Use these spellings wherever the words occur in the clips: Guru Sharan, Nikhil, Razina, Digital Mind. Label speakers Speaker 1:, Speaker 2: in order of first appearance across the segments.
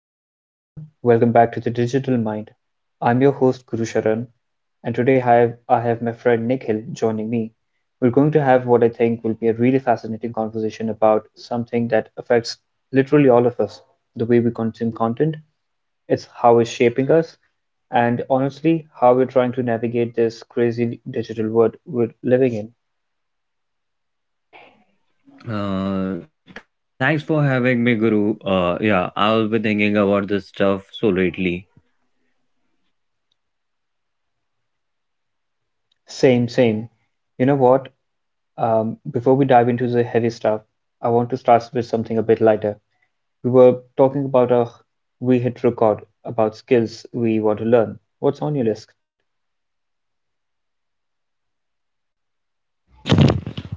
Speaker 1: Hey everyone, welcome back to the Digital Mind. I'm your host Guru Sharan, and today I have my friend Nikhil joining me. We're going to have what I think will be a really fascinating conversation about something that affects literally all of us the way we consume content, it's how it's shaping us, and honestly, how we're trying to navigate this crazy digital world we're living in.
Speaker 2: Thanks for having me, Guru. Yeah, I was be thinking about this stuff so lately.
Speaker 1: Same, same. You know what? Before we dive into the heavy stuff, I want to start with something a bit lighter. We were talking about our we hit record, about skills we want to learn. What's on your list?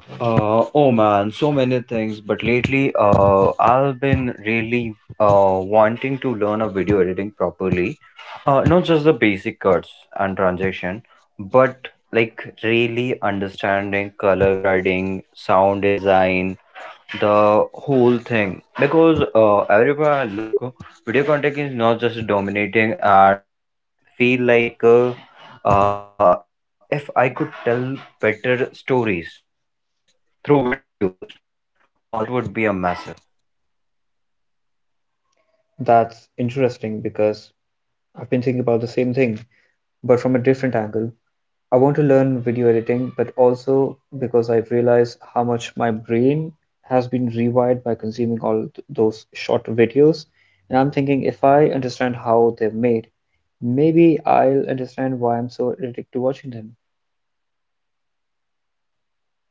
Speaker 2: Oh man, so many things. But lately, I've been really wanting to learn a video editing properly. Not just the basic cuts and transition, but like really understanding color grading, sound design, the whole thing because everywhere I look video content is not just dominating and I feel like if I could tell better stories through videos that would be a massive.
Speaker 1: That's interesting because I've been thinking about the same thing, but from a different angle. I want to learn video editing, but also because I've realized how much my brain has been rewired by consuming all those short videos. And I'm thinking if I understand how they're made, maybe I'll understand why I'm so addicted to watching them.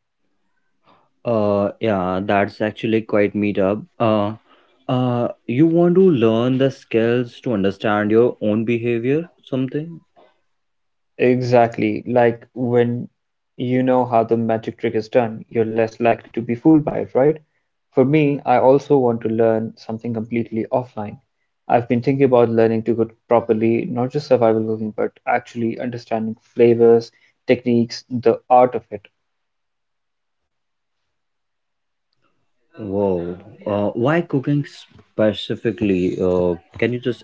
Speaker 2: Yeah, that's actually quite meetup. Uh, you want to learn the skills to understand your own behavior, something?
Speaker 1: Exactly, like when you know how the magic trick is done, you're less likely to be fooled by it, right? For me, I also want to learn something completely offline. I've been thinking about learning to cook properly, not just survival cooking, but actually understanding flavors, techniques, the art of it.
Speaker 2: Whoa. Why cooking specifically? Uh, can you just elaborate it?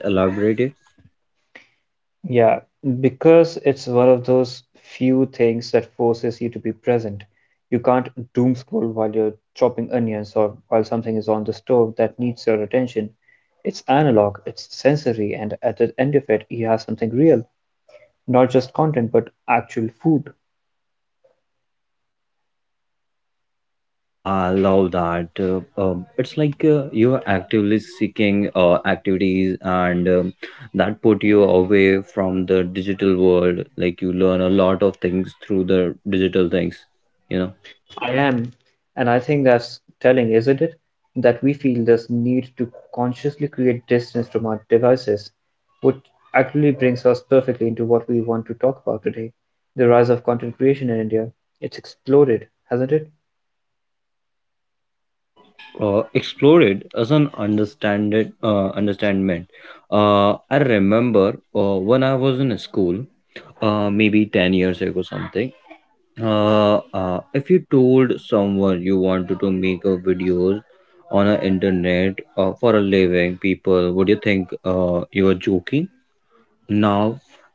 Speaker 1: Yeah, because it's one of those few things that forces you to be present. You can't doom scroll while you're chopping onions or while something is on the stove that needs your attention. It's analog, it's sensory, and at the end of it, you have something real, not just content, but actual food.
Speaker 2: Oh, yeah, I love that. It's like you're actively seeking activities and that put you away from the digital world. Like you learn a lot of things through the digital things, you know.
Speaker 1: I am, and I think that's telling, isn't it? That we feel this need to consciously create distance from our devices, which actually brings us perfectly into what we want to talk about today the rise of content creation in India. It's exploded, hasn't it?
Speaker 2: Explore it as an understand it, understandment. I remember when I was in school, maybe 10 years ago something. If you told someone you wanted to make a videos on the internet for a living, people would you think you were joking? Now,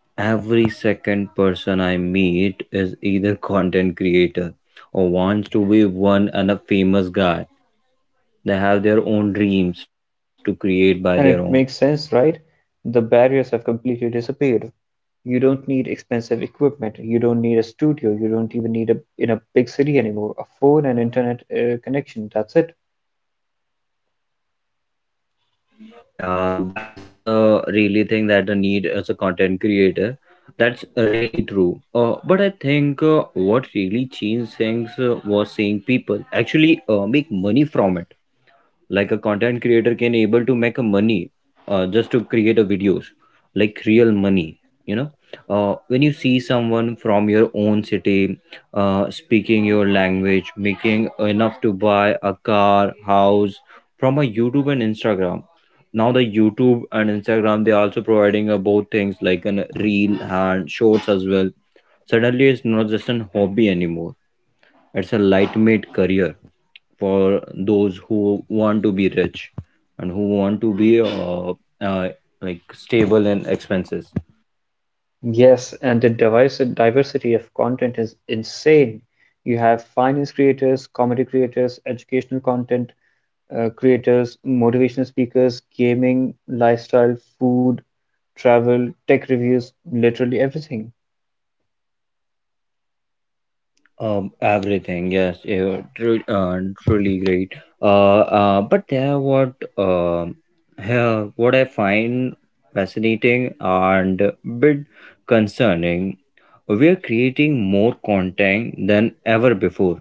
Speaker 2: every second person I meet is either content creator or wants to be one and a famous guy. They have their own dreams to create by their own.
Speaker 1: And it makes sense, right? The barriers have completely disappeared. You don't need expensive equipment, you don't need a studio, you don't even need a in a big city anymore, a phone and internet connection, that's it.
Speaker 2: Yeah, that's the really thing that the need as a content creator. That's really true. But I think what really changed things was seeing people actually make money from it, like a content creator can able to make a money just to create a videos, like real money, you know, when you see someone from your own city speaking your language making enough to buy a car house from a YouTube and Instagram. Now the YouTube and Instagram, they are also providing both things like an reel and shorts as well. Suddenly it's not just an hobby anymore, it's a lightweight career for those who want to be rich and who want to be uh, like stable in expenses.
Speaker 1: Yes, and the device diversity of content is insane. You have finance creators, comedy creators, educational content creators, motivational speakers, gaming, lifestyle, food, travel, tech reviews, literally everything.
Speaker 2: Everything, yes, yeah, truly great. But there what here what I find fascinating and a bit concerning, we are creating more content than ever before.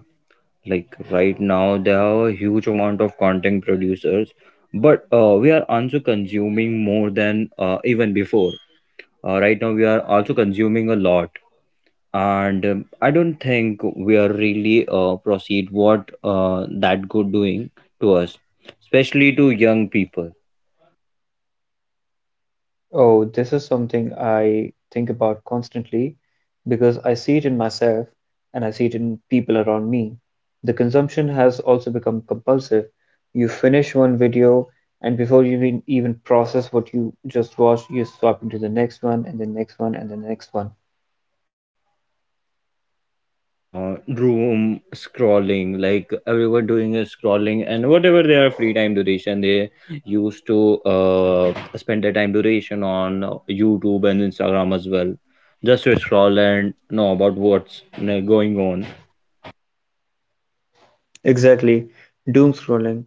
Speaker 2: Like right now there are a huge amount of content producers, but we are also consuming more than even before. Right now we are also consuming a lot, and I don't think we are really proceed what that good doing to us, especially to young people.
Speaker 1: Oh, this is something I think about constantly because I see it in myself and I see it in people around me. The consumption has also become compulsive. You finish one video, and before you even process what you just watched, you swap into the next one, and the next one, and the next one.
Speaker 2: uh, Room scrolling, like everyone doing is scrolling and whatever their free time duration they used to spend their time duration on YouTube and Instagram as well, just to scroll and know about what's going on.
Speaker 1: Exactly, doom-scrolling,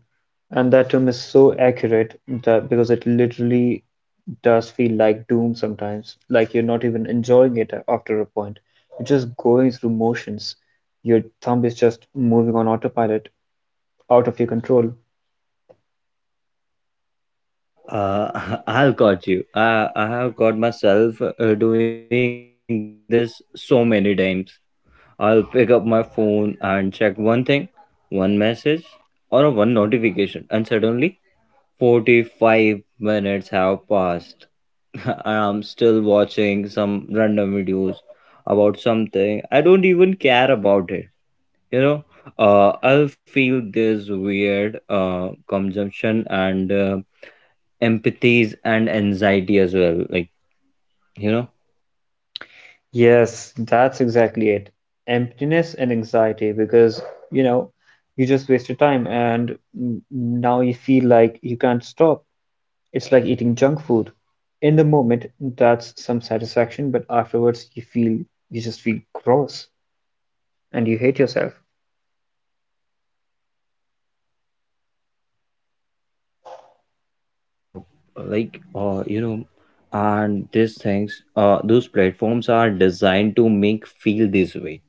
Speaker 1: and that term is so accurate that because it literally does feel like doom sometimes, like you're not even enjoying it after a point. You're just going through motions. Your thumb is just moving on autopilot, out of your control.
Speaker 2: I'll caught you. I have caught myself doing this so many times. I'll pick up my phone and check one thing, one message or one notification, and suddenly 45 minutes have passed and I'm still watching some random videos about something. I don't even care about it. You know, I'll feel this weird consumption and empathies and anxiety as well. Like, you know,
Speaker 1: Yes, that's exactly it. Emptiness and anxiety because, you know, you just wasted time and now you feel like you can't stop. It's like eating junk food. In the moment, that's some satisfaction, but afterwards you feel you just feel gross and you hate yourself.
Speaker 2: uh, like, uh, you know, and these things, those platforms are designed to make feel this way,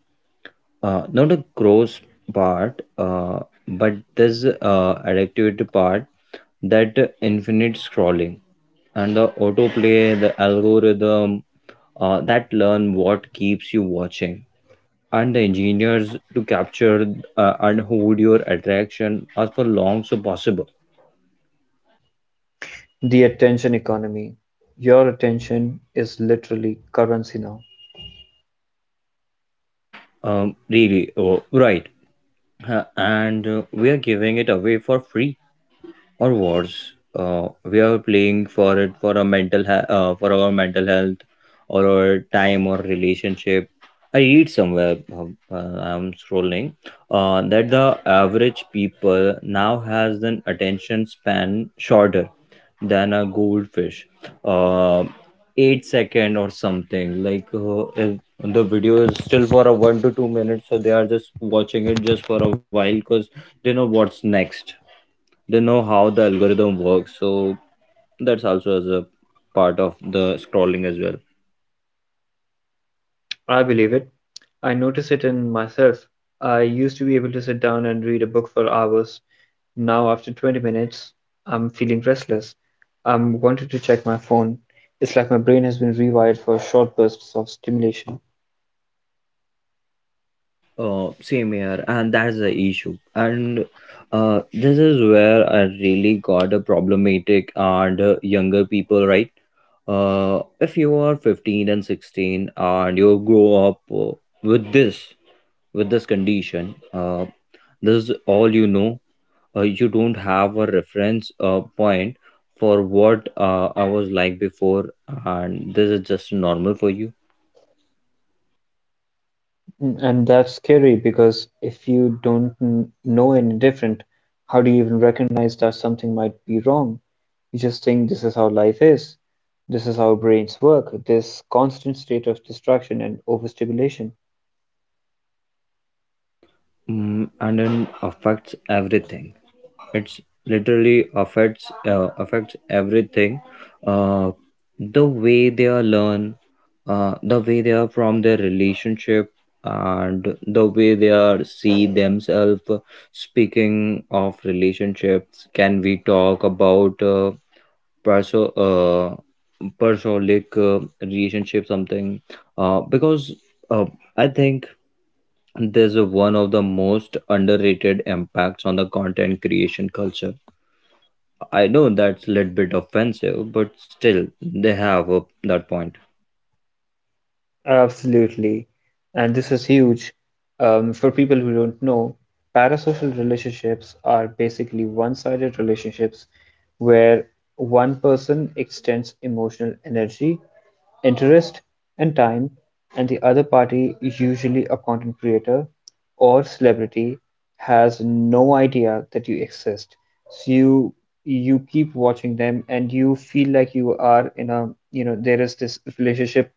Speaker 2: not a gross part but this addictive part, that infinite scrolling and the autoplay the algorithm that learn what keeps you watching and the engineers to capture and hold your attraction as for long so possible.
Speaker 1: The attention economy. Your attention is literally currency now.
Speaker 2: um, Really oh, right. And we are giving it away for free, or worse, we are playing for it for a for our mental health or our time or relationship. I read somewhere I'm scrolling that the average people now has an attention span shorter than a goldfish, uh, eight second or something. Like if the video is still for a 1 to 2 minutes, so they are just watching it just for a while because they know what's next, they know how the algorithm works, so that's also as a part of the scrolling as well.
Speaker 1: I believe it. I notice it in myself. I used to be able to sit down and read a book for hours. Now, after 20 minutes, I'm feeling restless. I'm wanting to check my phone. It's like my brain has been rewired for short bursts of stimulation.
Speaker 2: Same here and that's the issue, and this is where I really got a problematic and younger people right. If you are 15 and 16 and you grow up with this with this condition, this is all you know. You don't have a reference point for what I was like before, and this is just normal for you.
Speaker 1: Mm, and that's scary because if you don't know any different, how do you even recognize that something might be wrong? You just think this is how life is. This is how brains work, this constant state of distraction and overstimulation.
Speaker 2: Mm, and then affects everything. It's literally affects affects everything. Uh, the way they are learn, the way they are from their relationship, and the way they are see themselves. Speaking of relationships, can we talk about? Perso parasolic relationship something because uh, I think there's a one of the most underrated impacts on the content creation culture. I know that's a little bit offensive but still they have a, that point.
Speaker 1: Absolutely. And this is huge. For people who don't know, parasocial relationships are basically one-sided relationships where one person extends emotional energy, interest, and time, and the other party, usually a content creator or celebrity, has no idea that you exist. So you keep watching them and you feel like you are in a, you know, there is this relationship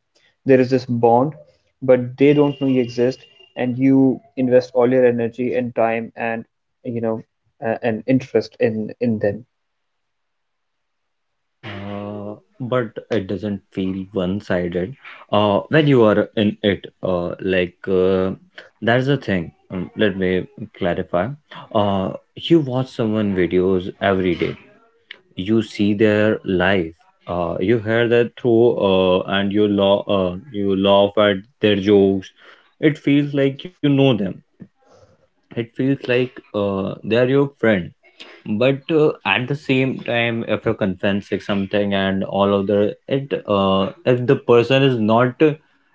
Speaker 1: there is this bond, but they don't know you exist, and you invest all your energy and time and you know and interest in them.
Speaker 2: uh, but it doesn't feel one-sided when you are in it that's the thing. Let me clarify. You watch someone videos every day, you see their life, you hear that through and you laugh at their jokes. It feels like you know them, it feels like they're your friend, but at the same time if you're confessing something and all of the it, if the person is not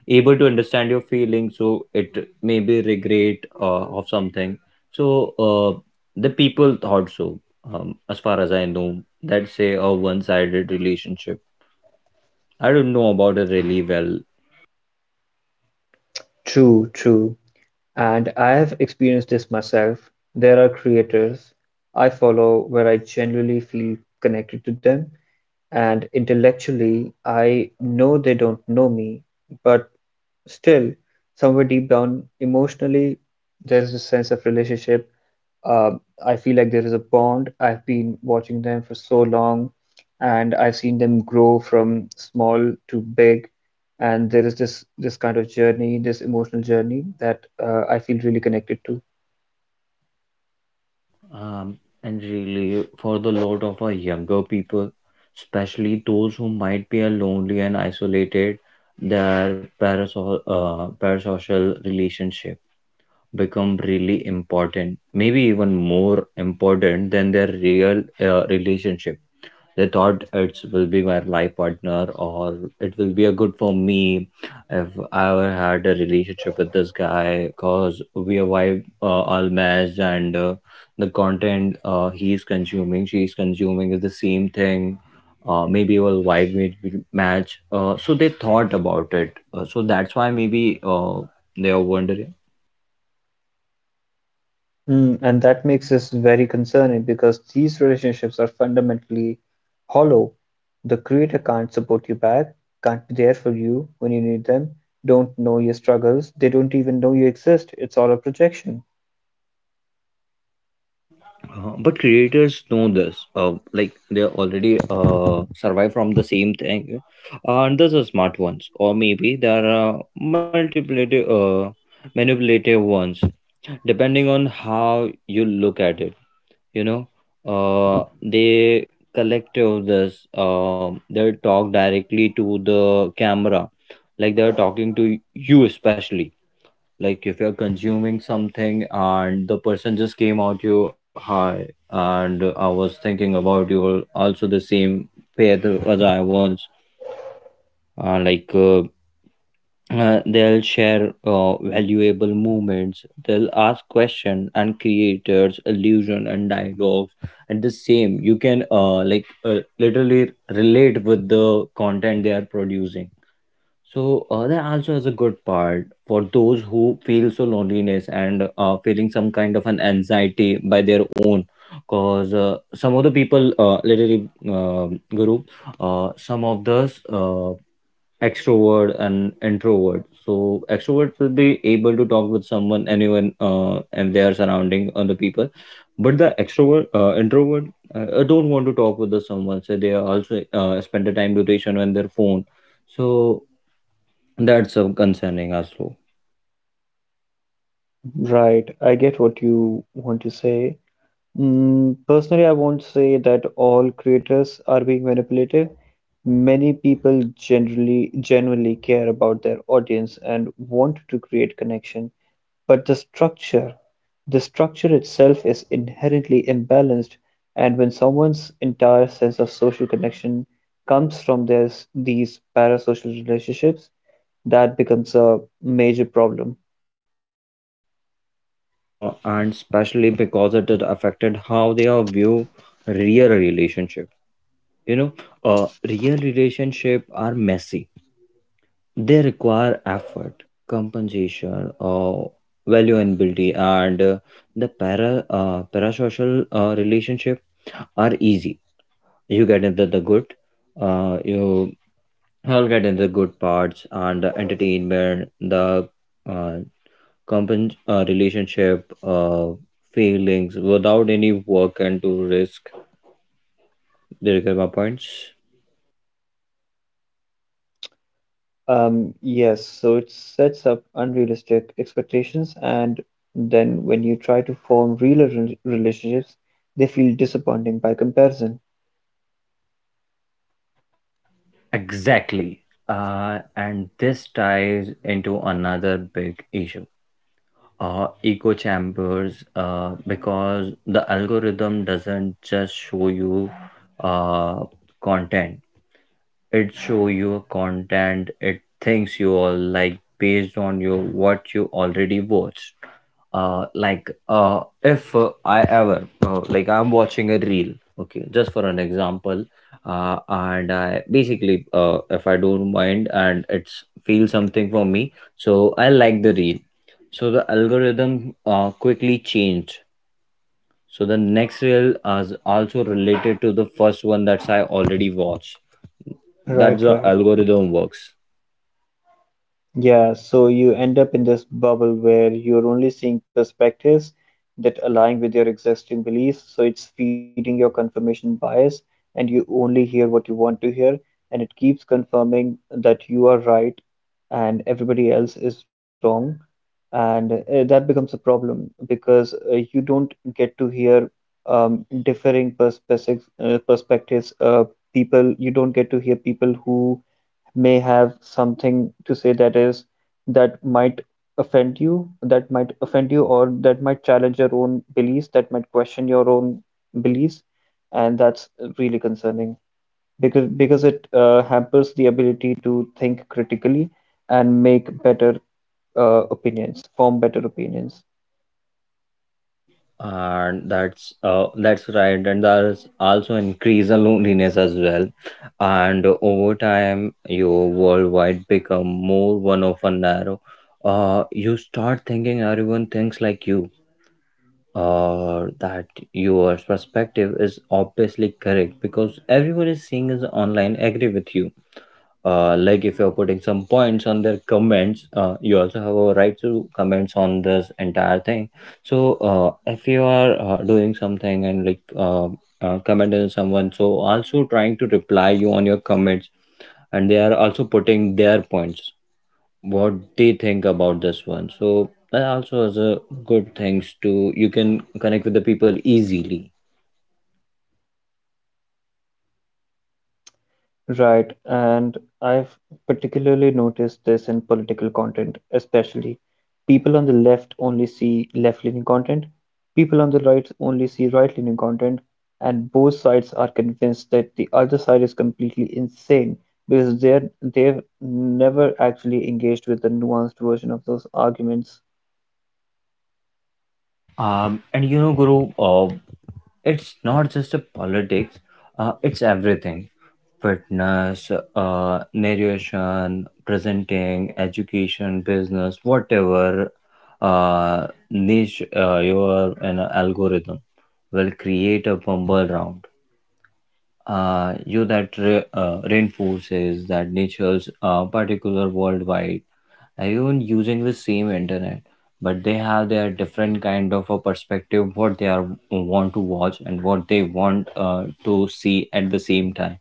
Speaker 2: able to understand your feelings, so it may be regret of something. So the people thought so. As far as I know, that say a one-sided relationship. I don't know about it really well.
Speaker 1: True, true. And I have experienced this myself. There are creators I follow where I genuinely feel connected to them, and intellectually I know they don't know me, but still, somewhere deep down, emotionally, there's this sense of relationship. Uh, I feel like there is a bond. I've been watching them for so long, and I've seen them grow from small to big. And there is this kind of journey, this emotional journey that I feel really connected to.
Speaker 2: um, and really for the lot of our younger people, especially those who might be a lonely and isolated, their parasocial relationship become really important, maybe even more important than their real relationship. They thought it will be my life partner or it will be a good for me if I ever had a relationship with this guy, because we are wife all matched and the content he's consuming she's consuming is the same thing. Maybe will vibe may be match, so they thought about it, so that's why maybe they are wondering.
Speaker 1: Mm, and that makes us very concerning because these relationships are fundamentally hollow. The creator can't support you back, can't be there for you when you need them, don't know your struggles, they don't even know you exist. It's all a projection.
Speaker 2: But creators know this. Like they already survive from the same thing, and those are smart ones, or maybe there are multiplicative, manipulative ones, depending on how you look at it. You know, they collect all this. They talk directly to the camera, like they're talking to you, especially like if you're consuming something and the person just came out to you, hi, and I was thinking about you also the same path as I once. Uh, like uh, they'll share valuable moments. They'll ask question and creators illusion and dialogues, and the same you can literally relate with the content they are producing, so that also is a good part for those who feel so loneliness and feeling some kind of an anxiety by their own. Cause some of the people, literally, Guru, some of those extrovert and introvert. So extroverts will be able to talk with someone, anyone, and their surrounding other people. But the extrovert, introvert, don't want to talk with the someone. So they are also spend the time duration on their phone. So that's so concerning also,
Speaker 1: Right, I get what you want to say. Mm, personally, I won't say that all creators are being manipulative. Many people generally genuinely care about their audience and want to create connection. But the structure itself is inherently imbalanced and when someone's entire sense of social connection comes from this, these parasocial relationships, that becomes a major problem.
Speaker 2: and especially because it had affected how they are view real relationship. You know, real relationship are messy. They require effort, compensation, valuability, and the parasocial relationship are easy. You get into the good, you all get into the good parts and the entertainment, the uh, relationship feelings without any work and to risk their my points.
Speaker 1: Yes, so it sets up unrealistic expectations, and then when you try to form real relationships, they feel disappointing by comparison.
Speaker 2: Exactly. And this ties into another big issue. Echo chambers because the algorithm doesn't just show you uh, content, it show you content it thinks you all like based on your what you already watched. Like if I ever I'm watching a reel, okay, just for an example. And I basically if I don't mind and it's feel something for me, so I like the reel, so the algorithm quickly changed, so the next reel is also related to the first one that I already watched.
Speaker 1: Right,
Speaker 2: That's the
Speaker 1: right.
Speaker 2: algorithm works,
Speaker 1: Yeah, so you end up in this bubble where you're only seeing perspectives that align with your existing beliefs. So it's feeding your confirmation bias, and you only hear what you want to hear, and it keeps confirming that you are right and everybody else is wrong. And that becomes a problem because you don't get to hear differing perspectives. People, you don't get to hear people who may have something to say that is that might that might offend you or that might challenge your own beliefs that might question your own beliefs and that's really concerning because it hampers the ability to think critically and make better opinions form better opinions.
Speaker 2: and that's right. And there's also increase the loneliness as well. And over time, your worldwide become more one of a narrow. You start thinking everyone thinks like you. That your perspective is obviously correct because everyone is seeing is online agree with you, like if you're putting some points on their comments, you also have a right to comments on this entire thing. So if you are doing something and like comment on someone so also trying to reply you on your comments, and they are also putting their points what they think about this one, so that also is a good things to you can connect with the people easily.
Speaker 1: Right, and I've particularly noticed this in political content, especially. People on the left only see left-leaning content, people on the right only see right-leaning content, and both sides are convinced that the other side is completely insane because they've never actually engaged with the nuanced version of those arguments.
Speaker 2: And you know, guru, it's not just a politics, it's everything: fitness, narration, presenting, education, business, whatever niche. Your An algorithm will create a bumble round. You that reinforces that nature's particular worldwide. Everyone using the same internet, but they have their different kind of a perspective what they are want to watch and what they want to see at the same time.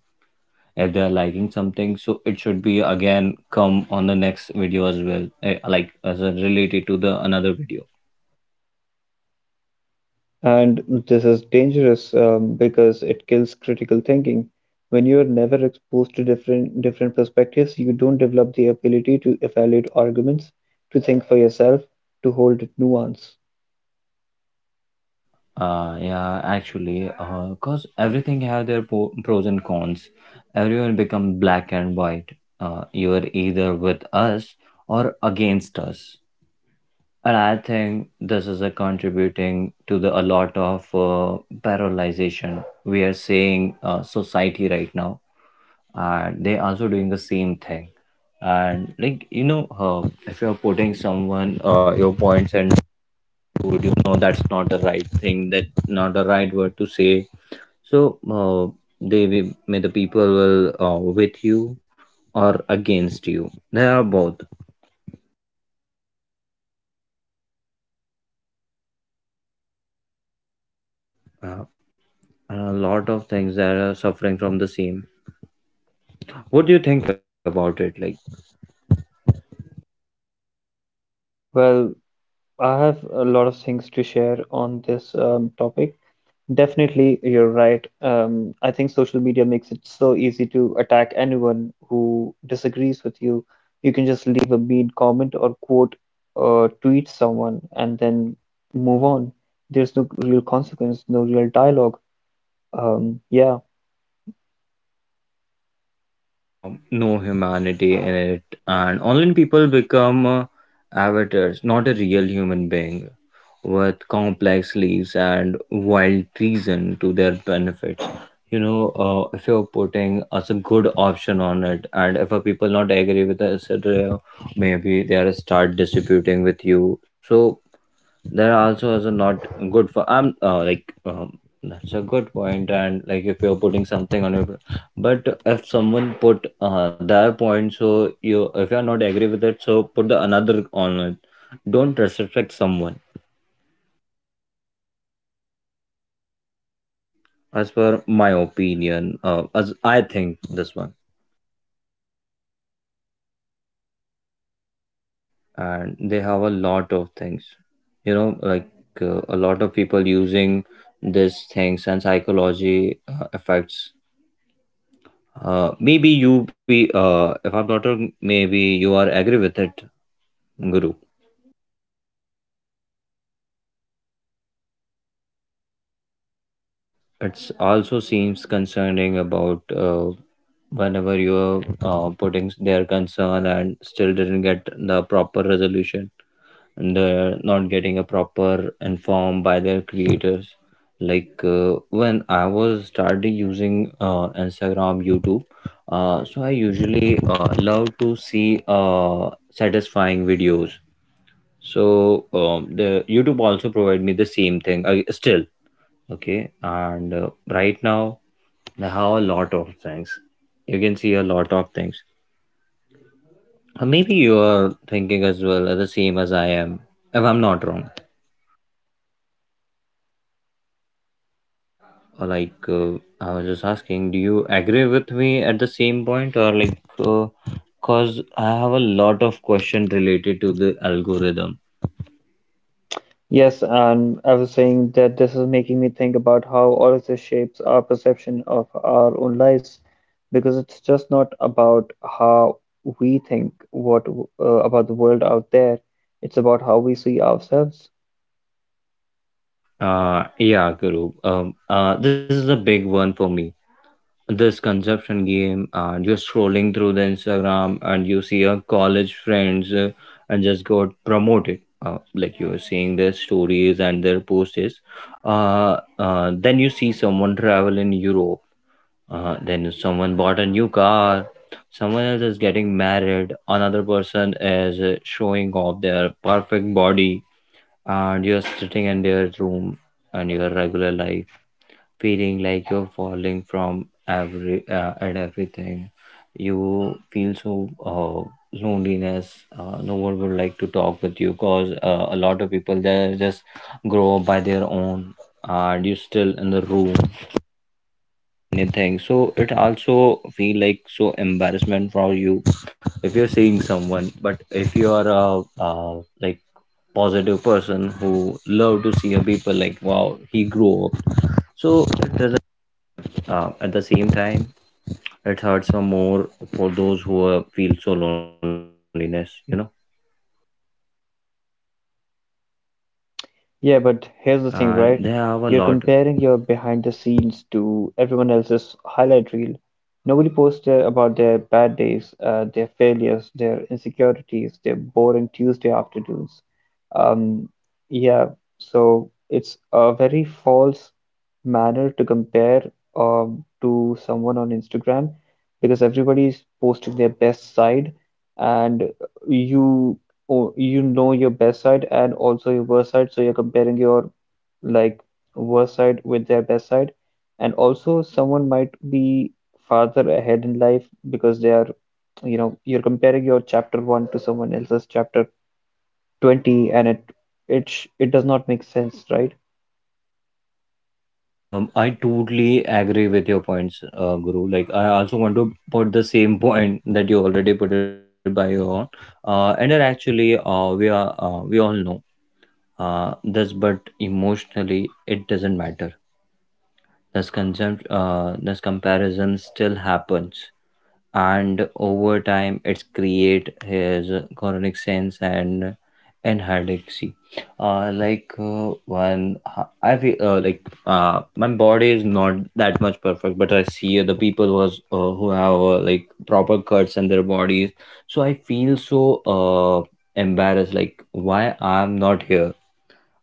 Speaker 2: If they are liking something, so it should be again come on the next video as well, like as a related to the another video.
Speaker 1: And this is dangerous because it kills critical thinking. When you are never exposed to different perspectives, you don't develop the ability to evaluate arguments, to think for yourself, to hold nuance.
Speaker 2: Yeah, actually because everything have their pros and cons, everyone become black and white. You are either with us or against us, and I think this is a contributing to the a lot of paralyzation we are seeing society right now. They also doing the same thing, and like you know, if you're putting someone your points and, dude, you know that's not the right thing, that not the right word to say. So they may the people will with you or against you, there are both. uh, and a lot of things that are suffering from the same. What do you think about it, like?
Speaker 1: Well, I have a lot of things to share on this topic. Definitely, you're right. I think social media makes it so easy to attack anyone who disagrees with you. You can just leave a mean comment or quote or tweet someone and then move on. There's no real consequence, no real dialogue. Yeah.
Speaker 2: No humanity in it, and online people become avatars, not a real human being, with complex lives and wild treason to their benefits. You know, if you're putting as a good option on it, and if a people not agree with us, maybe they are start distributing with you. So there also is not good for I'm like, that's a good point. And like if you're putting something on your, but if someone put their point, so you if you're not agree with it, so put the another on it, don't disrespect someone. As per my opinion, as I think this one. And they have a lot of things, you know, like a lot of people using these things and psychology affects. Maybe you be if I'm not wrong, maybe you are agree with it, Guru. It's also seems concerning about whenever you are putting their concern and still didn't get the proper resolution, and they're not getting a proper inform by their creators. Like when I was started using Instagram, YouTube, so I usually love to see satisfying videos. So the YouTube also provide me the same thing still. Okay, and right now they have a lot of things. You can see a lot of things. Or maybe you are thinking as well the same as I am, if I'm not wrong. Or like I was just asking, do you agree with me at the same point, or like cause I have a lot of question related to the algorithm.
Speaker 1: Yes, and I was saying that this is making me think about how all of this shapes our perception of our own lives, because it's just not about how we think about the world out there, it's about how we see ourselves.
Speaker 2: Yeah, Guru. This is a big one for me, this consumption game, and you're scrolling through the Instagram and you see your college friends and just got promoted. Like you're seeing their stories and their posts, then you see someone travel in Europe, then someone bought a new car, someone else is getting married, another person is showing off their perfect body, and you're sitting in their room and your regular life, feeling like you're falling from every at everything. You feel so uh, loneliness. No one would like to talk with you cause a lot of people they just grow up by their own, and you still in the room anything, so it also feel like so embarrassment for you if you're seeing someone. But if you are a like positive person who love to see a people like, wow, he grew up, so it doesn't. At the same time, it hurts for more for those who feel so loneliness, you know, and
Speaker 1: Yeah,
Speaker 2: they
Speaker 1: but
Speaker 2: have a
Speaker 1: here's the
Speaker 2: lot.
Speaker 1: thing, right? You're comparing your behind the scenes to everyone else's highlight reel. Nobody posts about their bad days, their failures, their insecurities, their boring Tuesday afternoons. Um, yeah, so it's a very false manner to compare to someone on Instagram because everybody is posting their best side, and you oh, you know your best side and also your worst side, so you're comparing your like worst side with their best side, and also someone might be farther ahead in life because they are, you know, you're comparing your chapter one to someone else's chapter 20 and it does not make sense, right?
Speaker 2: I totally agree with your points, guru. Like I also want to put the same point that you already put it by your own. And then actually we all know this, but emotionally it doesn't matter. This concept, this comparison still happens, and over time it's create his chronic sense and hydroxy. One I feel like my body is not that much perfect, but I see other people was who have like proper cuts in their bodies. So I feel so embarrassed, like why I'm not here.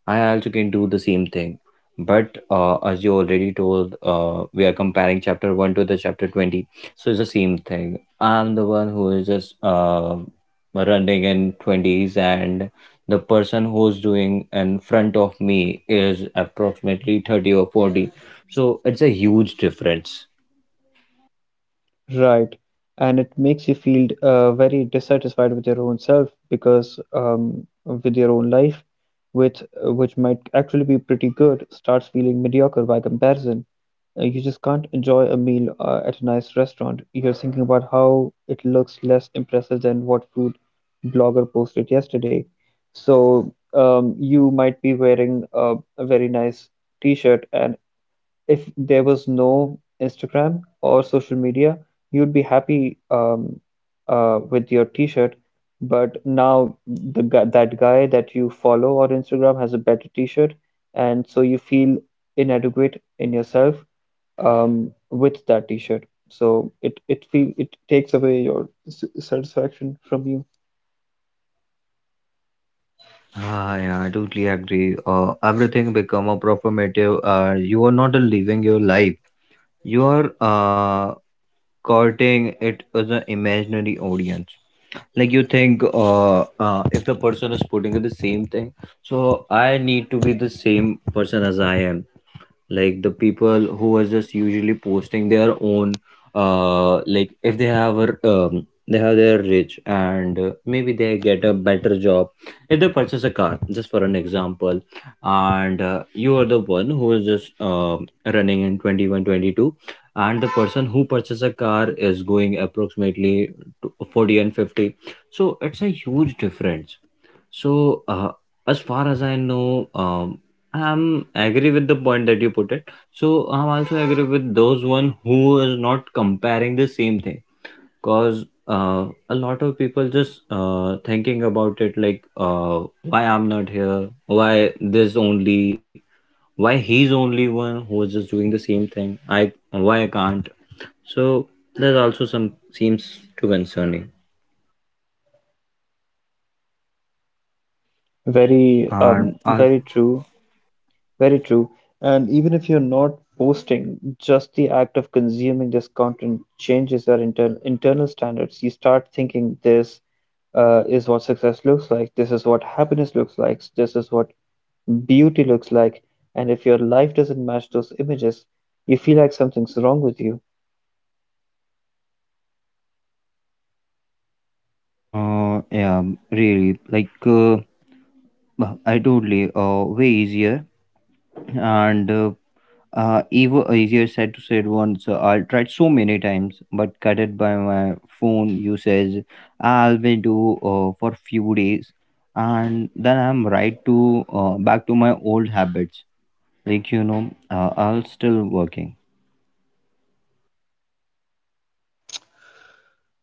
Speaker 2: I also can do the same thing. But as you already told, we are comparing chapter 1 to the chapter 20. So it's the same thing. I'm the one who is just running in 20s, and the person who's doing in front of me is approximately 30 or 40. So it's a huge difference.
Speaker 1: Right. And it makes you feel very dissatisfied with your own self because with your own life, which might actually be pretty good, starts feeling mediocre by comparison. You just can't enjoy a meal at a nice restaurant. You're thinking about how it looks less impressive than what food blogger posted yesterday. So you might be wearing a very nice t-shirt and if there was no Instagram or social media, you'd be happy with your t-shirt. But now the guy that you follow on Instagram has a better t-shirt, and so you feel inadequate in yourself with that t-shirt. So it takes away your satisfaction from you.
Speaker 2: Ah, yeah, I totally agree. Everything become a performative. You are not living your life. You are. Courting it as an imaginary audience, like you think if the person is putting the same thing, so I need to be the same person as I am, like the people who are just usually posting their own. Like if they have a, they have their rich and maybe they get a better job, if they purchase a car, just for an example. And you are the one who is just running in 21, 22, and the person who purchases a car is going approximately to 40 and 50. So it's a huge difference. So as far as I know, I'm agree with the point that you put it. So I'm also agree with those one who is not comparing the same thing, cause a lot of people just thinking about it, like why I'm not here, why this only, why he's only one who is just doing the same thing. I why I can't. So that also some seems too concerning.
Speaker 1: Very
Speaker 2: And as
Speaker 1: very true. Very true. And even if you're not posting, just the act of consuming this content changes our internal standards. You start thinking this is what success looks like, this is what happiness looks like, this is what beauty looks like. And if your life doesn't match those images, you feel like something's wrong with you.
Speaker 2: yeah, really, like uh, I totally way easier and even easier said to said once. I tried so many times, but cut it by my phone usage. I'll be do for few days, and then I'm right to back to my old habits. Like you know, I'll still working.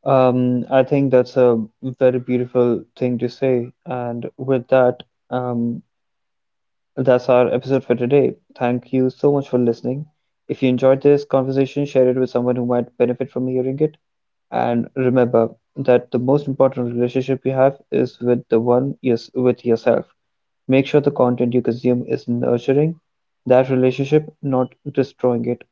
Speaker 1: I think that's a very beautiful thing to say. And with that, um, that's our episode for today. Thank you so much for listening. If you enjoyed this conversation, share it with someone who might benefit from hearing it. And remember that the most important relationship you have is with yourself. Make sure the content you consume is nurturing that relationship, not destroying it.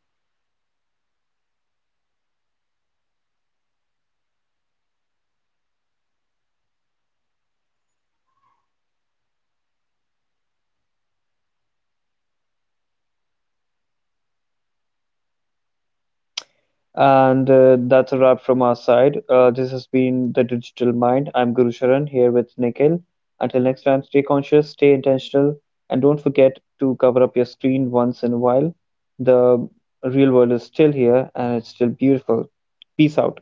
Speaker 1: And that's a wrap from our side. This has been The Digital Mind. I'm Guru Sharan here with Nikhil. Until next time, stay conscious, stay intentional, and don't forget to cover up your screen once in a while. The real world is still here and it's still beautiful. Peace out.